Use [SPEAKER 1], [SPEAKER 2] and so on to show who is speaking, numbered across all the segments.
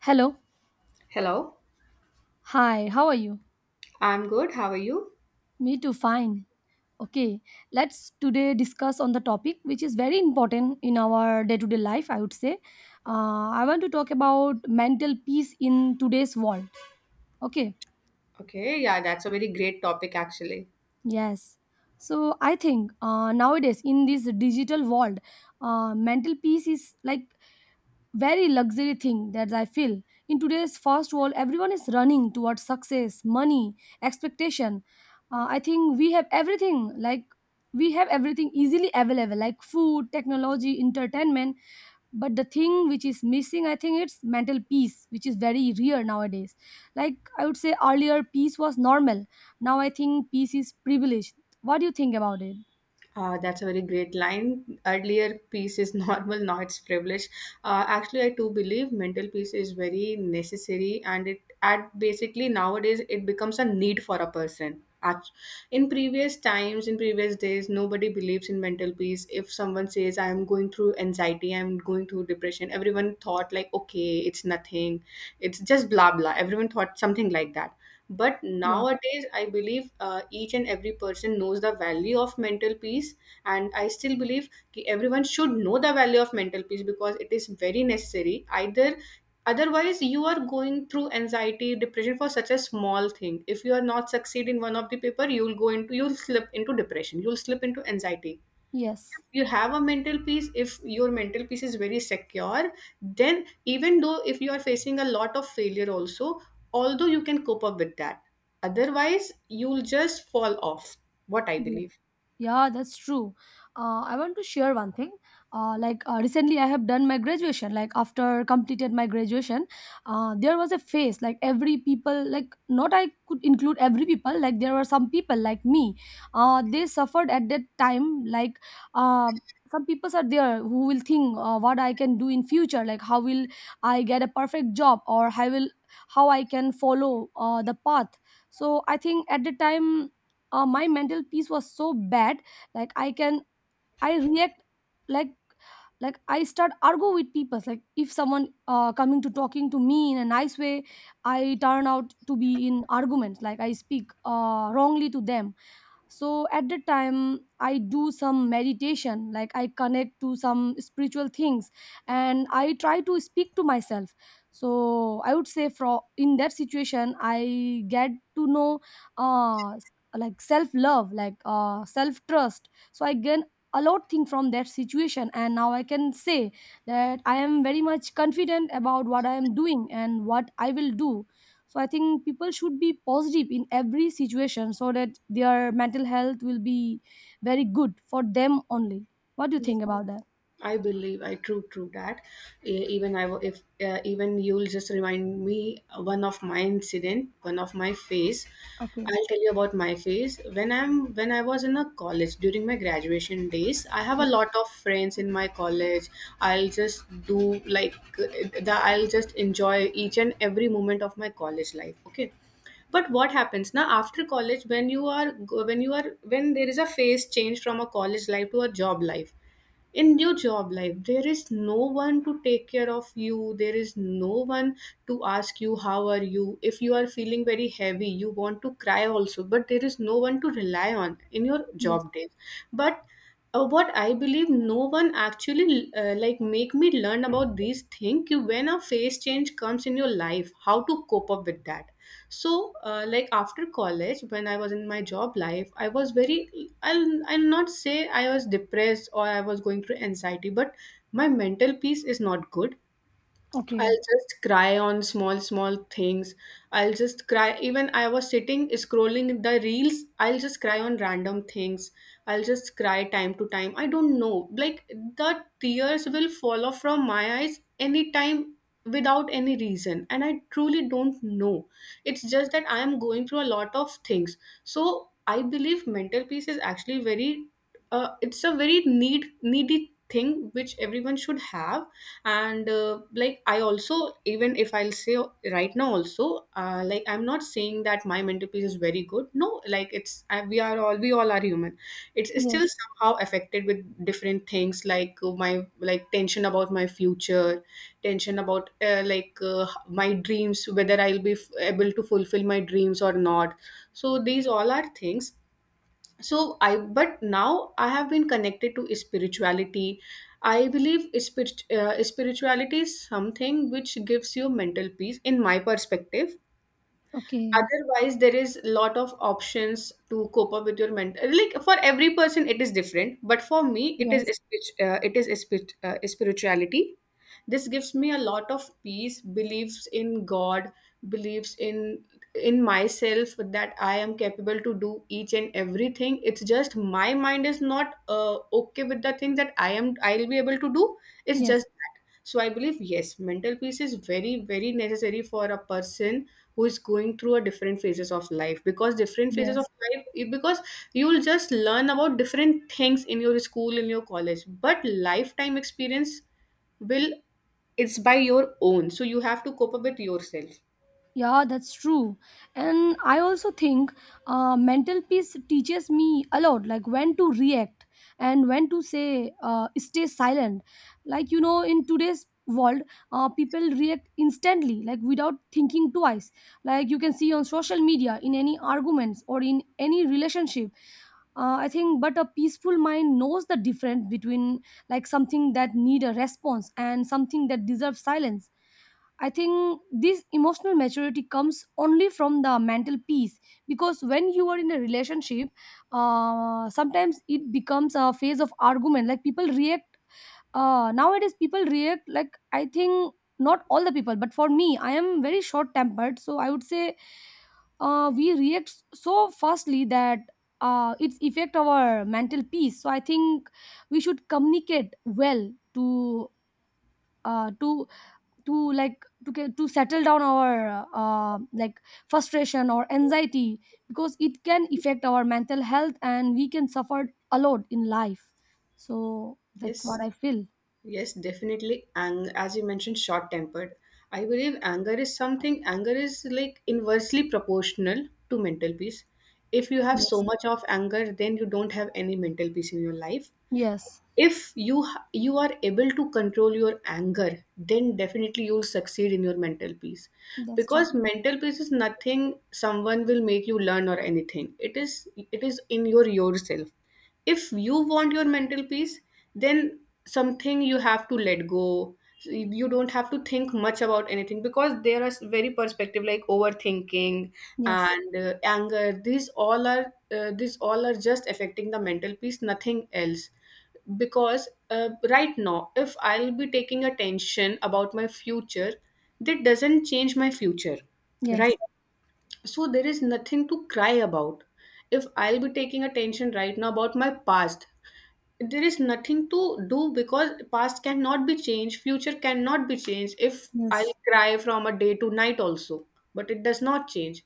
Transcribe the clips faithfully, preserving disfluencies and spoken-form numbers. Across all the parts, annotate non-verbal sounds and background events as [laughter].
[SPEAKER 1] Hello.
[SPEAKER 2] Hello,
[SPEAKER 1] Hi, how are you?
[SPEAKER 2] I'm good. How are you?
[SPEAKER 1] Me too, fine. Okay, let's today discuss on the topic which is very important in our day-to-day life, I would say. Uh, I want to talk about mental peace in today's world. Okay,
[SPEAKER 2] Okay, yeah, that's a very great topic actually.
[SPEAKER 1] yes. So I think uh, nowadays in this digital world, uh, mental peace is like very luxury thing that I feel. In today's fast world, everyone is running towards success, money, expectation. Uh, I think we have everything, like we have everything easily available, like food, technology, entertainment. But the thing which is missing, I think, it's mental peace, which is very rare nowadays. Like I would say earlier, peace was normal. Now I think peace is privileged. What do you think about it?
[SPEAKER 2] Uh, that's a very great line. Earlier, peace is [laughs] normal, now it's privilege. Uh, actually, I too believe mental peace is very necessary, and it at basically nowadays it becomes a need for a person. Act- In previous times, in previous days, nobody believes in mental peace. If someone says, "I am going through anxiety, I am going through depression," everyone thought like, "Okay, it's nothing, it's just blah blah." Everyone thought something like that. But
[SPEAKER 1] Yes.
[SPEAKER 2] nowadays, I believe uh, each and every person knows the value of mental peace, and I still believe ki everyone should know the value of mental peace because it is very necessary. Either otherwise you are going through anxiety depression for such a small thing. If you are not succeed in one of the paper you will go into you'll slip into depression, you'll slip into anxiety.
[SPEAKER 1] Yes.
[SPEAKER 2] You have a mental peace. If your mental peace is very secure, then even though if you are facing a lot of failure also, although you can cope up with that, otherwise you'll just fall off, what I
[SPEAKER 1] Yes.
[SPEAKER 2] believe.
[SPEAKER 1] Yeah, that's true. Uh, I want to share one thing. Uh, like uh, recently, I have done my graduation. Like after completed my graduation, uh, there was a phase like every people like not I could include every people. Like there were some people like me. Uh, they suffered at that time. Like um some people are there who will think uh, what I can do in future. Like how will I get a perfect job or how will how I can follow uh, the path. So I think at the time uh, my mental peace was so bad like i can i react like like i start argue with people. Like if someone uh, coming to talking to me in a nice way, I turn out to be in arguments. Like I speak uh, wrongly to them. So at the time I do some meditation, like I connect to some spiritual things and I try to speak to myself. So I would say from in that situation I get to know uh like self love, like uh self trust. So I gain a lot thing from that situation, and now I can say that I am very much confident about what I am doing and what I will do. So I think people should be positive in every situation so that their mental health will be very good for them only. What do you think about that?
[SPEAKER 2] I believe I true true that. E- even I wa- if uh, even you'll just remind me one of my incident, one of my phase.
[SPEAKER 1] Okay.
[SPEAKER 2] I'll tell you about my phase. When I'm when I was in a college during my graduation days, I have a lot of friends in my college. I'll just do like uh, the, I'll just enjoy each and every moment of my college life, okay? But what happens now after college, when you are go- when you are when there is a phase change from a college life to a job life. In your job life, there is no one to take care of you, there is no one to ask you how are you. If you are feeling very heavy you want to cry also, but there is no one to rely on in your
[SPEAKER 1] Yes.
[SPEAKER 2] job days. But uh, what I believe, no one actually uh, like make me learn about these things when a phase change comes in your life, how to cope up with that. So uh, like after college when I was in my job life, I was very i'll I'll not say I was depressed or I was going through anxiety, but my mental peace is not good.
[SPEAKER 1] Okay.
[SPEAKER 2] I'll just cry on small, small things. I'll just cry. Even I was sitting scrolling the reels, I'll just cry on random things. I'll just cry time to time. I don't know. Like the tears will fall off from my eyes anytime without any reason. And I truly don't know. It's just that I am going through a lot of things. So I believe mental peace is actually very, uh, it's a very need, needy thing which everyone should have. And uh, like I also, even if I'll say right now also, uh, like I'm not saying that my mental peace is very good, no, like it's I, we are all we all are human. It's, it's still
[SPEAKER 1] Yes.
[SPEAKER 2] somehow affected with different things, like uh, my like tension about my future, tension about uh, like uh, my dreams, whether I'll be f- able to fulfill my dreams or not. So these all are things. So I, but now I have been connected to spirituality. I believe spirit, uh, spirituality is something which gives you mental peace, in my perspective.
[SPEAKER 1] Okay.
[SPEAKER 2] Otherwise there is a lot of options to cope up with your mental, like for every person it is different, but for me it is
[SPEAKER 1] Yes.
[SPEAKER 2] spirit- uh, it is spirit, uh, spirituality. This gives me a lot of peace, beliefs in god, beliefs in in myself that I am capable to do each and everything. It's just my mind is not uh, okay with the thing that i am I'll be able to do. It's
[SPEAKER 1] Yes.
[SPEAKER 2] just that. So I believe, yes, mental peace is very very necessary for a person who is going through a different phases of life. Because different phases of
[SPEAKER 1] Yes.
[SPEAKER 2] life, eh, because you will just learn about different things in your school, in your college, but lifetime experience will, it's by your own, so you have to cope up with yourself.
[SPEAKER 1] Yeah, that's true. And I also think uh, mental peace teaches me a lot, like when to react and when to say, uh, stay silent. Like, you know, in today's world, uh, people react instantly, like without thinking twice. Like you can see on social media, in any arguments or in any relationship. Uh, I think, but a peaceful mind knows the difference between like something that need a response and something that deserves silence. I think this emotional maturity comes only from the mental peace because when you are in a relationship, uh, sometimes it becomes a phase of argument. Like people react uh, nowadays, people react like I think not all the people, but for me, I am very short tempered, so I would say uh, we react so fastly that uh, it's affect our mental peace. So I think we should communicate well to uh, to to like to get to settle down our uh, uh, like frustration or anxiety, because it can affect our mental health and we can suffer a lot in life. So that's what
[SPEAKER 2] Yes,
[SPEAKER 1] I feel.
[SPEAKER 2] yes, definitely. And as you mentioned, short tempered, I believe anger is something, anger is like inversely proportional to mental peace. If you have so
[SPEAKER 1] Yes.
[SPEAKER 2] much of anger, then you don't have any mental peace in your life.
[SPEAKER 1] Yes,
[SPEAKER 2] If you h- you are able to control your anger, then definitely you'll succeed in your mental peace.
[SPEAKER 1] that's true.
[SPEAKER 2] Because mental peace is nothing someone will make you learn or anything, it is it is in your yourself. If you want your mental peace, then something you have to let go. So you you don't have to think much about anything because there are s- very perspective like overthinking
[SPEAKER 1] Yes.
[SPEAKER 2] and uh, anger, these all are, uh, these all are just affecting the mental peace, nothing else. Because uh, right now if I'll be taking attention about my future, that doesn't change my future,
[SPEAKER 1] Yes.
[SPEAKER 2] right? So there is nothing to cry about. If I'll be taking attention right now about my past, there is nothing to do because past cannot be changed, future cannot be changed if I
[SPEAKER 1] Yes.
[SPEAKER 2] cry from a day to night also. But it does not change,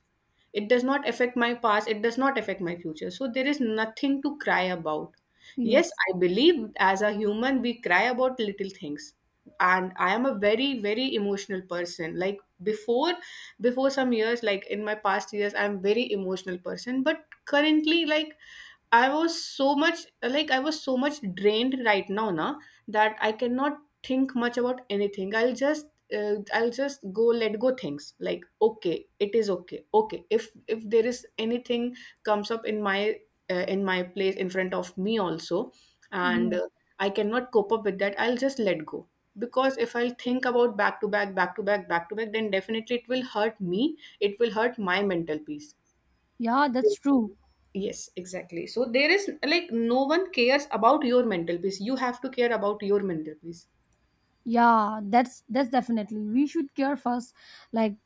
[SPEAKER 2] it does not affect my past, it does not affect my future, so there is nothing to cry about. Yes,
[SPEAKER 1] Yes.
[SPEAKER 2] I believe as a human we cry about little things. And I am a very very emotional person, like before before some years, like in my past years I'm very emotional person. But currently, like I was so much like I was so much drained right now na, that I cannot think much about anything. I'll just uh, I'll just go let go things, like okay, it is okay, okay, if if there is anything comes up in my uh, in my place in front of me also, and
[SPEAKER 1] Yeah,
[SPEAKER 2] uh, I cannot cope up with that, I'll just let go. Because if I'll think about back to back back to back back to back, then definitely it will hurt me, it will hurt my mental peace.
[SPEAKER 1] yeah, that's true.
[SPEAKER 2] Yes, exactly. So there is like no one cares about your mental peace, you have to care about your mental peace.
[SPEAKER 1] Yeah, that's that's definitely we should care first. Like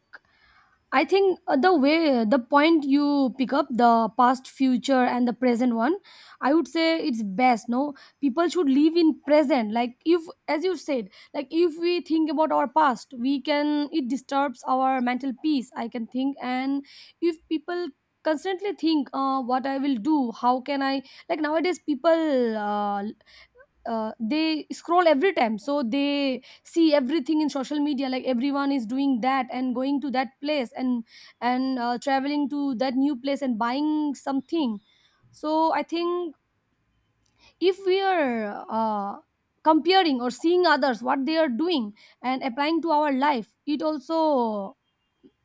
[SPEAKER 1] I think uh, the way the point you pick up the past, future, and the present one, I would say it's best. No, people should live in present. Like if, as you said, like if we think about our past, we can it disturbs our mental peace. I can think, and if people constantly think, uh, what I will do, how can I? Like nowadays, people uh, uh, they scroll every time so they see everything in social media like everyone is doing that and going to that place and and uh, traveling to that new place and buying something. So I think if we are uh, comparing or seeing others what they are doing and applying to our life, it also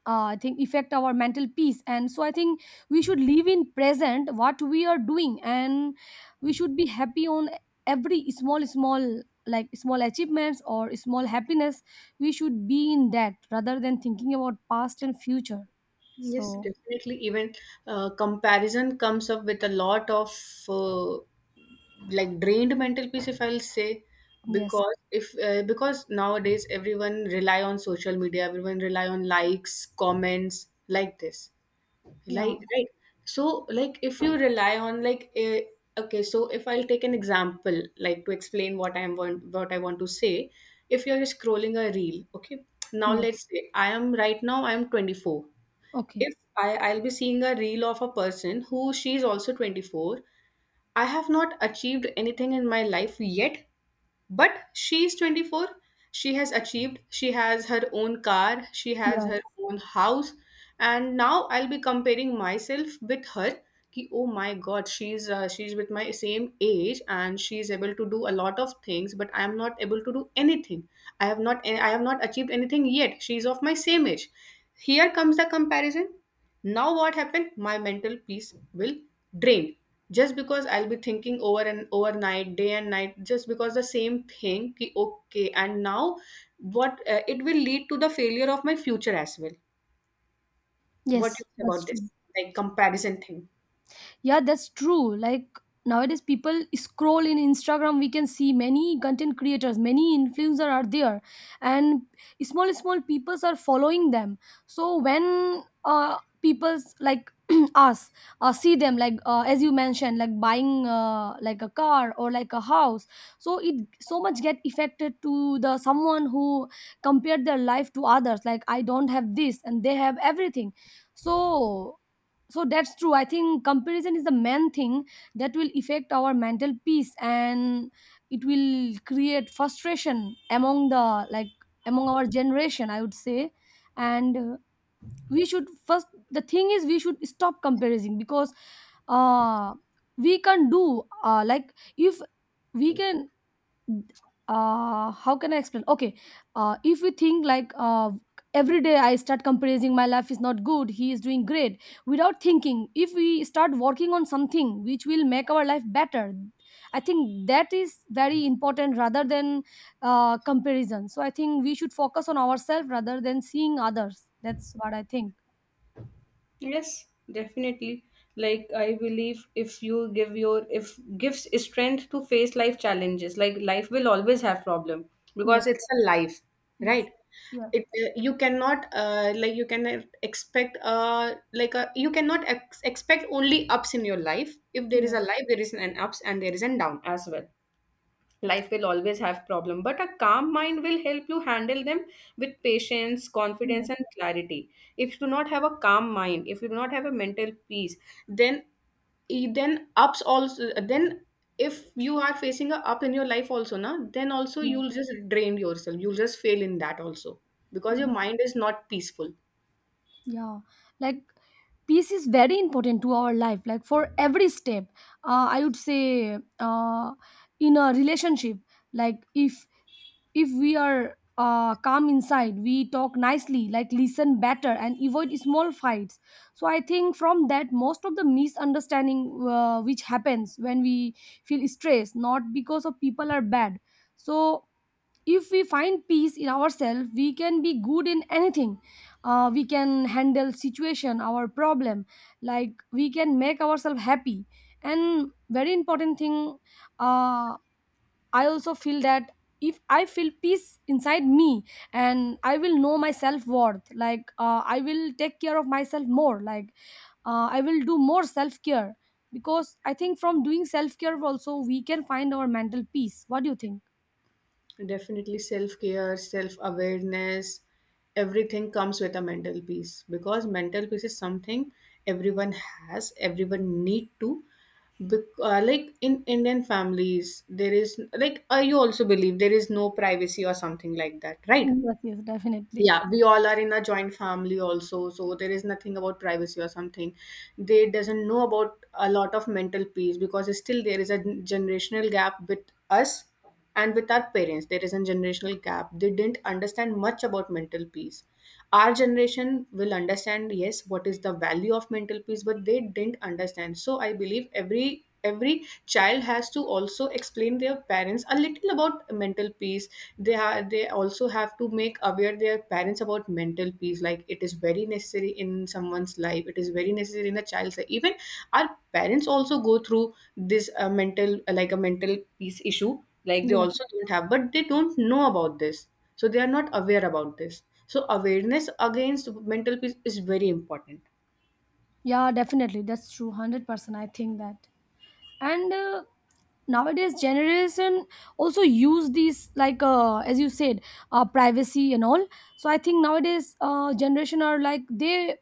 [SPEAKER 1] uh, I think affect our mental peace. And so I think we should live in present what we are doing, and we should be happy on every small small like small achievements or small happiness. We should be in that rather than thinking about past and future.
[SPEAKER 2] Yes,
[SPEAKER 1] So
[SPEAKER 2] definitely. Even uh, comparison comes up with a lot of uh, like drained mental peace, if I'll say.
[SPEAKER 1] yes.
[SPEAKER 2] Because if uh, because nowadays everyone rely on social media, everyone rely on likes, comments like this.
[SPEAKER 1] Yeah.
[SPEAKER 2] Like, right? So like if you rely on like, eh, okay, so if I'll take an example like to explain what i'm want what I want to say. If you're scrolling a reel, okay, now
[SPEAKER 1] Yes.
[SPEAKER 2] let's say I am right now I'm twenty four.
[SPEAKER 1] Okay.
[SPEAKER 2] If i I'll be seeing a reel of a person who she's also twenty four. I have not achieved anything in my life yet, but she is twenty four. She has achieved, she has her own car, she has
[SPEAKER 1] Yeah.
[SPEAKER 2] her own house. And now I'll be comparing myself with her. कि oh my god, she's uh, she's with my same age and she's able to do a lot of things, but I am not able to do anything. i have not I have not achieved anything yet. She's of my same age. Here comes the comparison. Now what happened, my mental peace will drain just because I'll be thinking over and overnight, day and night, just because the same thing ki, okay, and now what uh, it will lead to the failure of my future as well. What do you
[SPEAKER 1] Yes,
[SPEAKER 2] say
[SPEAKER 1] that's
[SPEAKER 2] about this,
[SPEAKER 1] true.
[SPEAKER 2] like comparison thing?
[SPEAKER 1] Yeah, that's true. Like nowadays, people scroll in Instagram. We can see many content creators, many influencer are there, and small small peoples are following them. So when uh people's like [clears throat] us uh, see them like uh, as you mentioned like buying uh, like a car or like a house, so it so much get affected to the someone who compared their life to others, like I don't have this and they have everything. So so that's true, I think comparison is the main thing that will affect our mental peace, and it will create frustration among the like among our generation, I would say. And uh, we should first the thing is we should stop comparing because uh we can do uh, like if we can uh how can I explain okay uh if we think like uh every day I start comparing my life is not good he is doing great without thinking if we start working on something which will make our life better, I think that is very important rather than uh comparison. So I think we should focus on ourselves rather than seeing others. That's what I think.
[SPEAKER 2] Yes, definitely. Like I believe if you give your, if gives strength to face life challenges, like life will always have problem, because
[SPEAKER 1] Yes.
[SPEAKER 2] it's a life,
[SPEAKER 1] Yes.
[SPEAKER 2] right?
[SPEAKER 1] Yeah.
[SPEAKER 2] It uh, you cannot uh, like you cannot expect uh like a, you cannot ex- expect only ups in your life. If there is a
[SPEAKER 1] Yes.
[SPEAKER 2] life, there is an ups and there is an down as well. Life will always have problem, but a calm mind will help you handle them with patience,
[SPEAKER 1] Yes.
[SPEAKER 2] confidence and clarity. If you do not have a calm mind, if you do not have a mental peace, then e, then ups also, then if you are facing a up in your life also na, then also
[SPEAKER 1] Yes.
[SPEAKER 2] you'll just drain yourself, you'll just fail in that also, because your
[SPEAKER 1] Yes.
[SPEAKER 2] mind is not peaceful.
[SPEAKER 1] Yeah, like peace is very important to our life, like for every step. Uh, I would say uh, in a relationship, like if if we are uh, calm inside, we talk nicely, like listen better and avoid small fights. So I think from that, most of the misunderstanding uh, which happens when we feel stressed, not because of people are bad. So if we find peace in ourselves, we can be good in anything. uh, we can handle situation our problem, like we can make ourselves happy. And very important thing, uh, I also feel that if I feel peace inside me, and I will know my self worth, like uh, I will take care of myself more, like uh, I will do more self care. Because I think from doing self care also we can find our mental peace. What do you think?
[SPEAKER 2] Definitely self care, self awareness, everything comes with a mental peace, because mental peace is something everyone has, everyone need to. Bec- uh, like in Indian families, there is like uh, you also believe there is no privacy or something like that, right?
[SPEAKER 1] Yes. Yes, definitely.
[SPEAKER 2] Yeah, we all are in a joint family also, so there is nothing about privacy or something. They doesn't know about a lot of mental peace because still there is a generational gap with us and with our parents. There is a generational gap, they didn't understand much about mental peace. Our generation will understand, yes, what is the value of mental peace, but they didn't understand. So I believe every every child has to also explain their parents a little about mental peace. They are they also have to make aware their parents about mental peace. Like it is very necessary in someone's life, it is very necessary in a child's life even. Our parents also go through this uh, mental, like a mental peace issue. Like they
[SPEAKER 1] Yes.
[SPEAKER 2] also don't have, but they don't know about this. So they are not aware about this. So awareness against mental peace is very important.
[SPEAKER 1] Yeah, definitely. That's true. one hundred percent. I think that. And uh, nowadays generation also use these like uh, as you said uh, privacy and all. So I think nowadays uh, generation are like they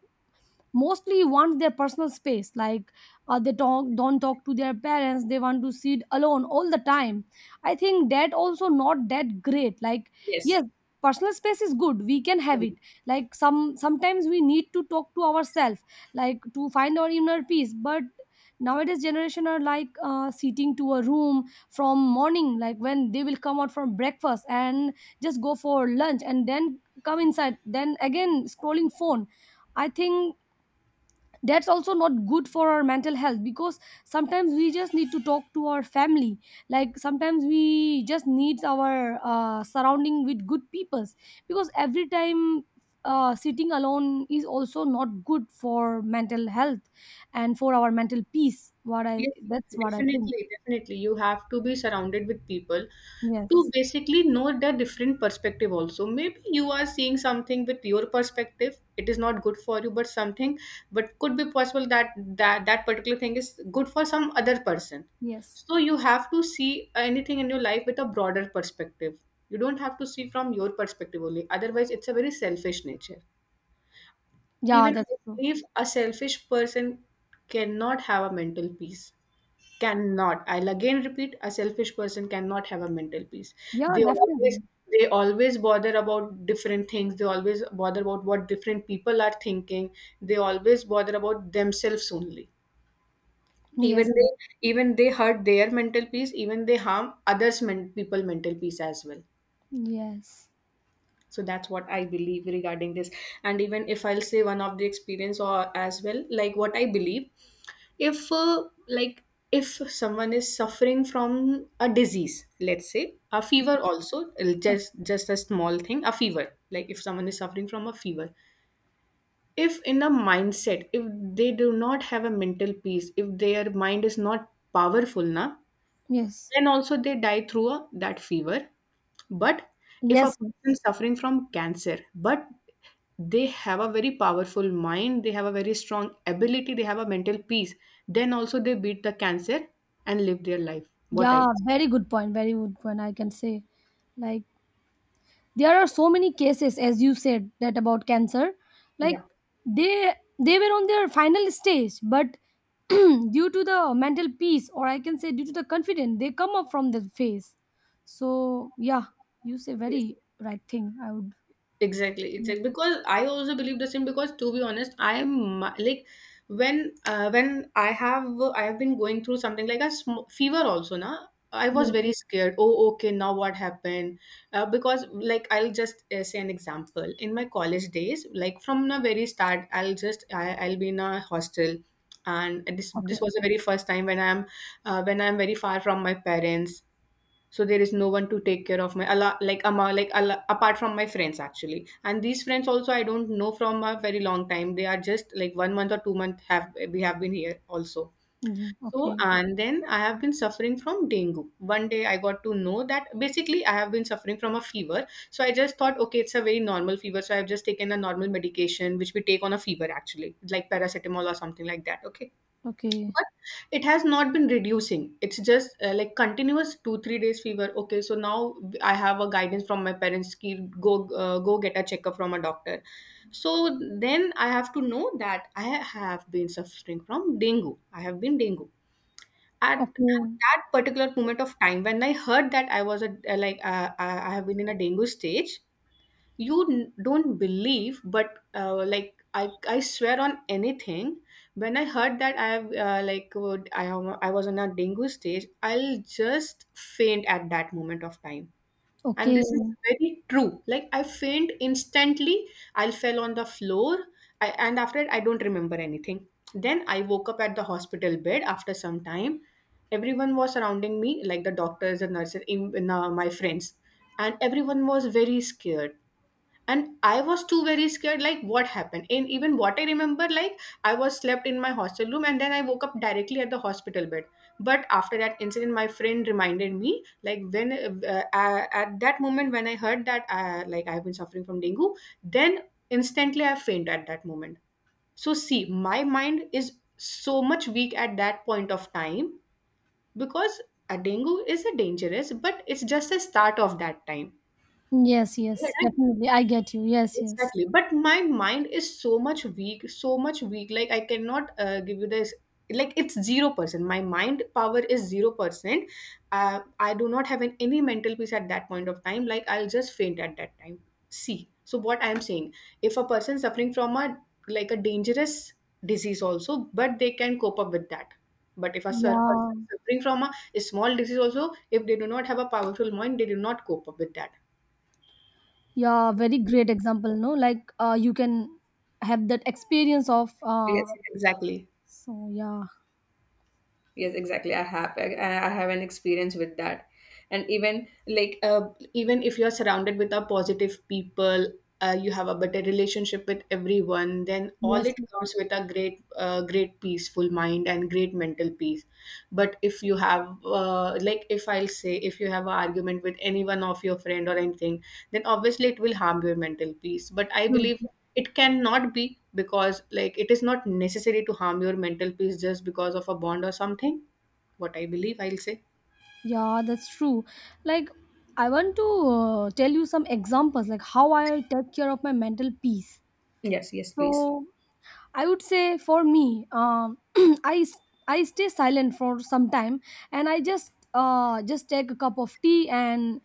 [SPEAKER 1] mostly want their personal space, like uh, they talk don't talk to their parents, they want to sit alone all the time. I think that also not that great, like yes
[SPEAKER 2] Yes.
[SPEAKER 1] personal space is good we can have it, like some sometimes we need to talk to ourselves, like to find our inner peace. But nowadays generation are like uh, sitting to a room from morning, like when they will come out from breakfast and just go for lunch and then come inside then again scrolling phone. I think that's also not good for our mental health because sometimes we just need to talk to our family, like sometimes we just need our uh, surrounding with good peoples. Because every time uh, sitting alone is also not good for mental health and for our mental peace. What I
[SPEAKER 2] Yes,
[SPEAKER 1] that's what I think.
[SPEAKER 2] definitely, definitely. You have to be surrounded with people to
[SPEAKER 1] Yes.
[SPEAKER 2] basically know their different perspective also. Maybe you are seeing something with your perspective, it is not good for you, but something, but could be possible that that, that particular thing is good for some other person.
[SPEAKER 1] Yes.
[SPEAKER 2] So you have to see anything in your life with a broader perspective. You don't have to see from your perspective only. Otherwise, it's a very selfish nature.
[SPEAKER 1] Yeah,
[SPEAKER 2] Even
[SPEAKER 1] that's
[SPEAKER 2] I
[SPEAKER 1] true.
[SPEAKER 2] believe a selfish person cannot have a mental peace. Cannot, I'll again repeat, a selfish person cannot have a mental peace.
[SPEAKER 1] Yeah,
[SPEAKER 2] they always
[SPEAKER 1] definitely.
[SPEAKER 2] they always bother about different things. They always bother about what different people are thinking. They always bother about themselves only. even
[SPEAKER 1] Yes.
[SPEAKER 2] they even they hurt their mental peace. Even they harm others men, people mental peace as well.
[SPEAKER 1] Yes.
[SPEAKER 2] So that's what I believe regarding this. And even if I'll say one of the experience or as well, like what I believe, if uh, like if someone is suffering from a disease. Let's say a fever also, it
[SPEAKER 1] Okay.
[SPEAKER 2] just just a small thing, a fever. Like if someone is suffering from a fever, if in a mindset, if they do not have a mental peace, if their mind is not powerful na,
[SPEAKER 1] Yes.
[SPEAKER 2] then also they die through a, that fever. But if a
[SPEAKER 1] Yes. Yes.
[SPEAKER 2] person suffering from cancer, but they have a very powerful mind, they have a very strong ability, they have a mental peace, then also they beat the cancer and live their life. What I.
[SPEAKER 1] Yeah, very good point. Very good point. I can say, like, there are so many cases, as you said, that about cancer, like
[SPEAKER 2] Yeah.
[SPEAKER 1] they they were on their final stage, but [clears throat] due to the mental peace, or I can say due to the confidence, they come up from the phase. So yeah, you say
[SPEAKER 2] Yes.
[SPEAKER 1] very right thing. I would.
[SPEAKER 2] Exactly,
[SPEAKER 1] Yeah.
[SPEAKER 2] exactly. Because I also believe the same. Because to be honest, I'm uh, like when uh, when I have I have been going through something like a sm- fever also. Now I was
[SPEAKER 1] Yes.
[SPEAKER 2] very scared. Oh, okay, now what happened? Uh, because like I'll just uh, say an example. In my college days, like from the very start, I'll just I, I'll be in a hostel, and this
[SPEAKER 1] Okay.
[SPEAKER 2] this was the very first time when I'm uh, when I'm very far from my parents. So there is no one to take care of my ala, like ama, like ala, apart from my friends actually. And these friends also I don't know from a very long time, they are just like one month or two month have we have been here also.
[SPEAKER 1] Mm,
[SPEAKER 2] So
[SPEAKER 1] okay.
[SPEAKER 2] and then I have been suffering from dengue. One day I got to know that basically I have been suffering from a fever, so I just thought okay, it's a very normal fever, so I have just taken a normal medication which we take on a fever actually, like paracetamol or something like that, okay.
[SPEAKER 1] Okay.
[SPEAKER 2] But it has not been reducing. It's just uh, like continuous two three days fever, okay. So now I have a guidance from my parents ki go, uh, go get a checkup from a doctor. So then I have to know that I have been suffering from dengue. I have been dengue at, at
[SPEAKER 1] Okay.
[SPEAKER 2] that particular moment of time. When I heard that I was a, like uh, i I have been in a dengue stage. You n- don't believe, but uh, like I, I swear on anything. When I heard that I have, uh, like would, I, am- I was on a dengue stage, I'll just faint at that moment of time. And
[SPEAKER 1] Okay.
[SPEAKER 2] this is very true. Like I faint instantly, I fell on the floor. I, and after it I don't remember anything. Then I woke up at the hospital bed after some time. Everyone was surrounding me, like the doctors, the nurses, in, in, uh, my friends. And everyone was very scared. And I was too very scared, like what happened. And even what I remember, like I was slept in my hostel room and then I woke up directly at the hospital bed. But after that incident my friend reminded me, like when uh, uh, uh, at that moment when I heard that, uh, like I've been suffering from dengue, then instantly I faint at that moment. So see, my mind is so much weak at that point of time because a dengue is a dangerous, but it's just a start of that time.
[SPEAKER 1] Yes.
[SPEAKER 2] Yeah,
[SPEAKER 1] Yes.
[SPEAKER 2] right?
[SPEAKER 1] Definitely. I get you. Yes. Yes.
[SPEAKER 2] Exactly. But my mind is so much weak, so much weak. Like I cannot uh, give you this. Like it's zero percent. My mind power is zero percent. Uh, I do not have an, any mental peace at that point of time. Like I'll just faint at that time. See. So what I am saying, if a person suffering from a, like a dangerous disease also, but they can cope up with that. But if a sur- person
[SPEAKER 1] Yeah.
[SPEAKER 2] suffering from a, a small disease also, if they do not have a powerful mind, they do not cope up with that.
[SPEAKER 1] Yeah, very great example no like uh, you can have that experience of
[SPEAKER 2] Yes,
[SPEAKER 1] uh,
[SPEAKER 2] exactly.
[SPEAKER 1] so yeah.
[SPEAKER 2] Yes, exactly. I have i, I have an experience with that. And even like, uh, even if you're surrounded with a positive people, uh, you have a better relationship with everyone, then all
[SPEAKER 1] Yes,
[SPEAKER 2] it comes with a great uh, great peaceful mind and great mental peace. But if you have, uh, like, if I'll say, if you have an argument with any one of your friend or anything, then obviously it will harm your mental peace. But I
[SPEAKER 1] true.
[SPEAKER 2] believe it cannot be because, like, it is not necessary to harm your mental peace just because of a bond or something. What I believe, I'll say.
[SPEAKER 1] Yeah, that's true. Like I want to uh, tell you some examples like how I take care of my mental peace.
[SPEAKER 2] Yes, yes, please.
[SPEAKER 1] So I would say for me, um, [clears throat] I s- I stay silent for some time, and I just uh, just take a cup of tea, and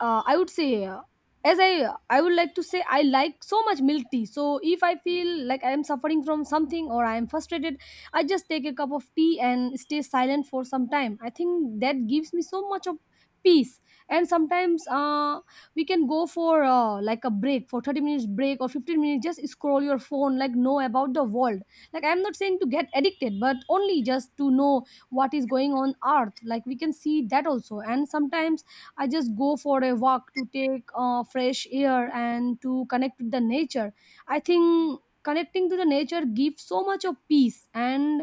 [SPEAKER 1] uh, I would say. Uh, as I, I would like to say I like so much milk tea. So if I feel like I am suffering from something or I am frustrated, I just take a cup of tea and stay silent for some time. I think that gives me so much of peace. And sometimes uh, we can go for uh, like a break for thirty minutes break or fifteen minutes, just scroll your phone, like know about the world. Like I'm not saying to get addicted, but only just to know what is going on earth, like we can see that also. And sometimes I just go for a walk to take uh, fresh air and to connect with the nature. I think connecting to the nature gives so much of peace. And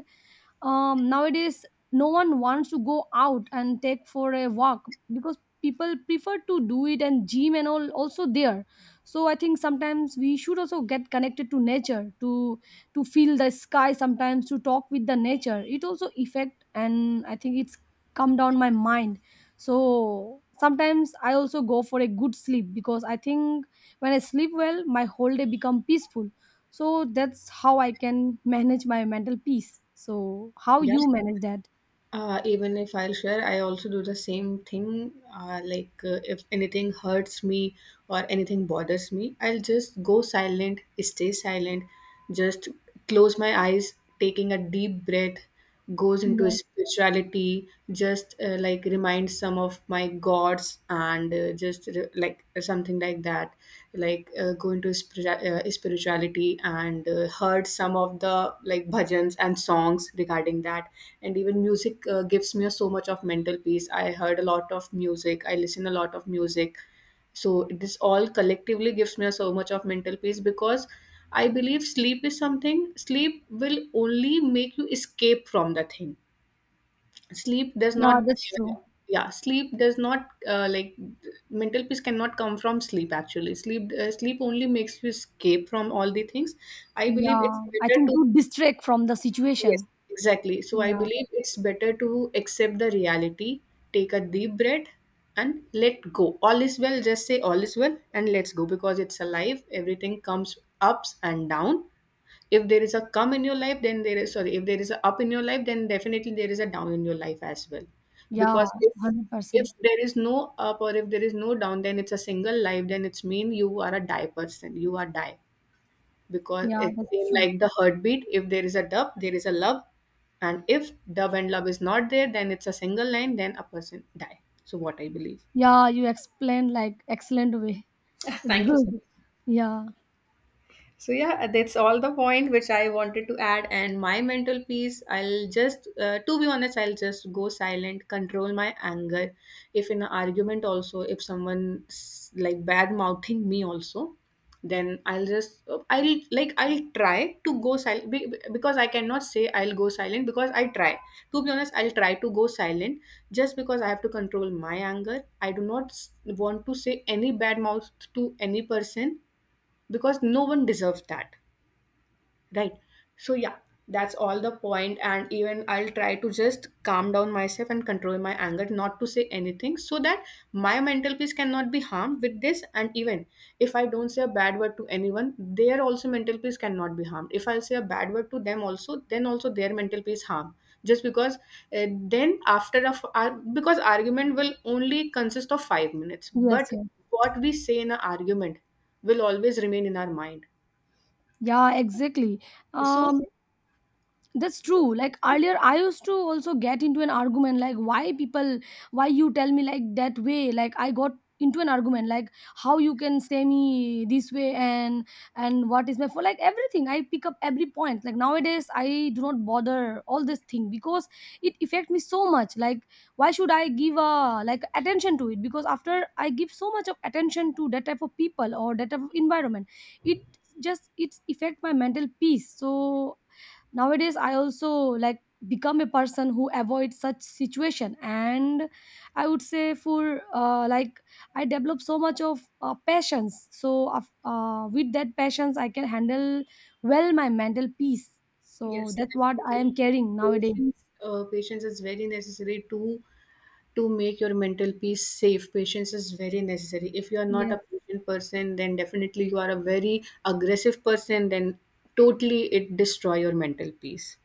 [SPEAKER 1] um, nowadays no one wants to go out and take for a walk because people prefer to do it and gym and all also there. So I think sometimes we should also get connected to nature, to to feel the sky, sometimes to talk with the nature, it also affect, and I think it's come down my mind. So sometimes I also go for a good sleep, because I think when I sleep well my whole day become peaceful. So that's how I can manage my mental peace. So how
[SPEAKER 2] Yeah.
[SPEAKER 1] you manage that?
[SPEAKER 2] Uh, even if I'll share, I also do the same thing. Uh, like uh, if anything hurts me or anything bothers me, I'll just go silent, stay silent, just close my eyes, taking a deep breath, goes into
[SPEAKER 1] Yes.
[SPEAKER 2] spirituality, just uh, like remind some of my gods, and uh, just re- like something like that. Like uh, go into spiritu- uh, spirituality, and uh, heard some of the, like, bhajans and songs regarding that. And even music uh, gives me so much of mental peace. I heard a lot of music, I listen a lot of music. So this all collectively gives me so much of mental peace, because I believe sleep is something. Sleep will only make you escape from the thing. Sleep does
[SPEAKER 1] Yeah,
[SPEAKER 2] not.
[SPEAKER 1] that's true.
[SPEAKER 2] Yeah, sleep does not, uh, like mental peace cannot come from sleep actually. Sleep uh, sleep only makes you escape from all the things. I believe it's
[SPEAKER 1] Yeah. I
[SPEAKER 2] better
[SPEAKER 1] think
[SPEAKER 2] to.
[SPEAKER 1] you distract from the
[SPEAKER 2] Yes,
[SPEAKER 1] situation.
[SPEAKER 2] exactly. So I
[SPEAKER 1] Yeah.
[SPEAKER 2] believe it's better to accept the reality, take a deep breath, and let go. All is well, just say all is well and let's go, because it's a life. Everything comes ups and down. If there is a come in your life, then there is, sorry, if there is a up in your life, then definitely there is a down in your life as well.
[SPEAKER 1] Yeah,
[SPEAKER 2] Because if if
[SPEAKER 1] one hundred percent.
[SPEAKER 2] there is no up or if there is no down, then it's a single life, then it's mean you are a die person. You are die because
[SPEAKER 1] Yeah,
[SPEAKER 2] it's
[SPEAKER 1] that's
[SPEAKER 2] same
[SPEAKER 1] true.
[SPEAKER 2] like the heartbeat. If there is a dub there is a love, and if dub and love is not there, then it's a single line, then a person die. So what I believe.
[SPEAKER 1] Yeah, you explained like excellent way.
[SPEAKER 2] [laughs]
[SPEAKER 1] It's
[SPEAKER 2] Thank you so.
[SPEAKER 1] good. Yeah.
[SPEAKER 2] So yeah, that's all the point which I wanted to add. And my mental peace, I'll just, uh, to be honest, I'll just go silent, control my anger. If in an argument also, if someone s- like bad mouthing me also, then I'll just, uh, I'll like, I'll try to go silent be- be- because I cannot say I'll go silent because I try. To be honest, I'll try to go silent just because I have to control my anger. I do not s- want to say any bad mouth to any person, because no one deserves that, right? So yeah, that's all the point point. And even I'll try to just calm down myself and control my anger, not to say anything, so that my mental peace cannot be harmed with this. And even if I don't say a bad word to anyone, their also mental peace cannot be harmed. If I'll say a bad word to them also, then also their mental peace harm, just because uh, then after a f- ar- because argument will only consist of five minutes.
[SPEAKER 1] Yes,
[SPEAKER 2] But
[SPEAKER 1] yes.
[SPEAKER 2] what we say in an argument will always remain in our mind.
[SPEAKER 1] Yeah, exactly.
[SPEAKER 2] So
[SPEAKER 1] Um, that's true, like earlier I used to also get into an argument, like why people, why you tell me like that way, like I got into an argument like how you can say me this way, and and what is my for, like everything I pick up every point. Like nowadays I do not bother all this thing because it affect me so much. Like why should I give a like attention to it, because after I give so much of attention to that type of people or that type of environment, it, just it's affect my mental peace. So nowadays I also like become a person who avoids such situation. And I would say for uh, like, I develop so much of uh, passions, so af- uh, with that passions I can handle well my mental peace. So
[SPEAKER 2] yes,
[SPEAKER 1] that's what I
[SPEAKER 2] definitely.
[SPEAKER 1] am carrying nowadays.
[SPEAKER 2] Patience, uh, patience is very necessary to to make your mental peace safe. Patience is very necessary. If you are not a
[SPEAKER 1] Yes.
[SPEAKER 2] patient person, then definitely you are a very aggressive person. Then totally it destroy your mental peace.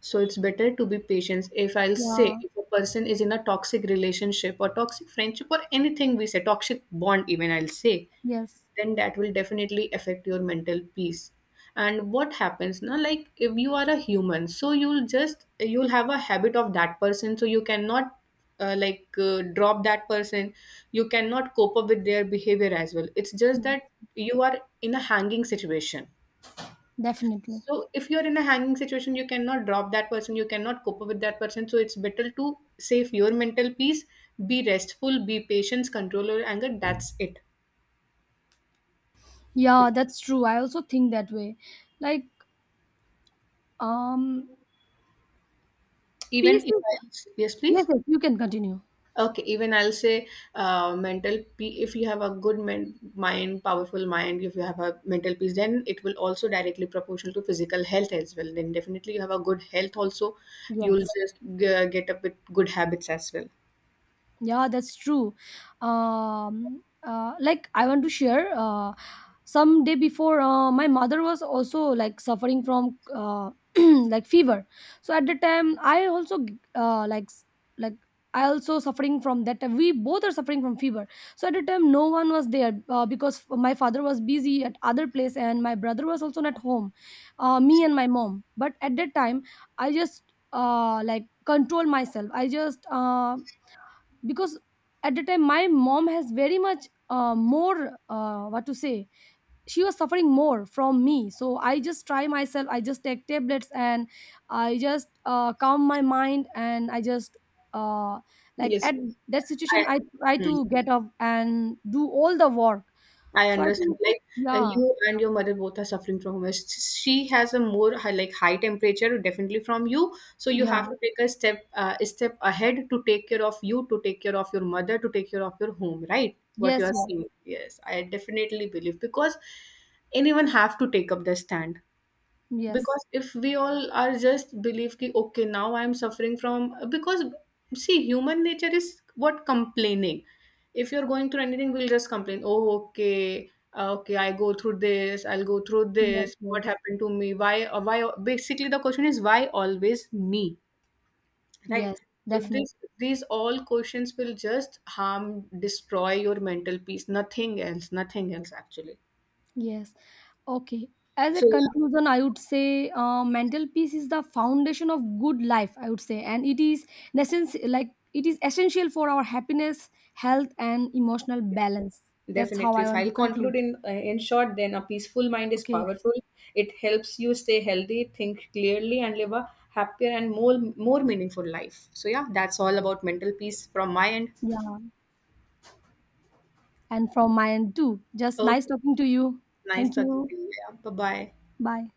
[SPEAKER 2] So it's better to be patient. If I'll say,
[SPEAKER 1] Yeah.
[SPEAKER 2] if a person is in a toxic relationship or toxic friendship or anything we say toxic bond, even I'll say,
[SPEAKER 1] Yes.
[SPEAKER 2] then that will definitely affect your mental peace. And what happens now, like if you are a human, so you'll just you'll have a habit of that person, so you cannot, uh, like uh, drop that person, you cannot cope up with their behavior as well. It's just
[SPEAKER 1] Yeah,
[SPEAKER 2] that you are in a hanging situation.
[SPEAKER 1] definitely.
[SPEAKER 2] So if you're in a hanging situation you cannot drop that person, you cannot cope up with that person. So it's better to save your mental peace, be restful, be patient, control your anger, that's it.
[SPEAKER 1] Yeah, that's true, I also think that way, like, um, peace
[SPEAKER 2] Even if
[SPEAKER 1] is. Yes,
[SPEAKER 2] I. Yes, please.
[SPEAKER 1] yes, you can continue.
[SPEAKER 2] Okay, even I'll say uh, mental peace. If you have a good men- mind, powerful mind, if you have a mental peace, then it will also directly proportional to physical health as well. Then definitely you have a good health also. You'll
[SPEAKER 1] Yes.
[SPEAKER 2] just g- get up with good habits as well.
[SPEAKER 1] Yeah, that's true. Um, uh, like I want to share. Uh, some day before, uh, my mother was also like suffering from uh, [clears throat] like fever. So at the time, I also uh, like s- like, I also suffering from that. We both are suffering from fever. So at the time, no one was there uh, because my father was busy at other place, and my brother was also not home. Uh, me and my mom. But at that time, I just uh, like control myself. I just. Uh, because at the time my mom has very much uh, more uh, what to say, she was suffering more from me. So I just try myself, I just take tablets and I just uh, calm my mind, and i just uh, like
[SPEAKER 2] Yes,
[SPEAKER 1] at that situation
[SPEAKER 2] I.
[SPEAKER 1] I try
[SPEAKER 2] hmm.
[SPEAKER 1] to get up and do all the work.
[SPEAKER 2] I
[SPEAKER 1] So I
[SPEAKER 2] understood.
[SPEAKER 1] think.
[SPEAKER 2] Like, uh,
[SPEAKER 1] Yeah.
[SPEAKER 2] you and your mother both are suffering from home. She has a more high, like high temperature, definitely from you. So you
[SPEAKER 1] Yeah.
[SPEAKER 2] have to take a step uh, a step ahead to take care of you, to take care of your mother, to take care of your home. Right? What you
[SPEAKER 1] Yes,
[SPEAKER 2] are
[SPEAKER 1] yes.
[SPEAKER 2] saying? Yes, I definitely believe because anyone have to take up the stand,
[SPEAKER 1] Yes,
[SPEAKER 2] because if we all are just believe ki okay, now I am suffering from, because see human nature is what? Complaining. If you're going through anything we'll just complain, oh okay, uh, okay I go through this, I'll go through
[SPEAKER 1] yes.
[SPEAKER 2] this, what
[SPEAKER 1] Yes,
[SPEAKER 2] happened to me, why uh, why basically the question is why always me, right?
[SPEAKER 1] yes.
[SPEAKER 2] So
[SPEAKER 1] definitely.
[SPEAKER 2] this these all questions will just harm, destroy your mental peace, nothing else nothing else actually.
[SPEAKER 1] Yes. Okay. As a
[SPEAKER 2] So yeah.
[SPEAKER 1] conclusion, I would say uh, mental peace is the foundation of good life, I would say. And it is necess- like it is essential for our happiness, health, and emotional balance. That's how
[SPEAKER 2] Definitely.
[SPEAKER 1] I
[SPEAKER 2] If
[SPEAKER 1] want to
[SPEAKER 2] I'll conclude
[SPEAKER 1] conclude.
[SPEAKER 2] in uh, in short, then a peaceful mind is
[SPEAKER 1] Okay.
[SPEAKER 2] powerful. It helps you stay healthy, think clearly, and live a happier and more more meaningful life. So yeah, that's all about mental peace from my end.
[SPEAKER 1] Yeah. And from my end too. Just
[SPEAKER 2] Oh,
[SPEAKER 1] nice talking to you.
[SPEAKER 2] nice
[SPEAKER 1] Thank
[SPEAKER 2] talking
[SPEAKER 1] you.
[SPEAKER 2] to you. Yeah. Bye bye.
[SPEAKER 1] Bye.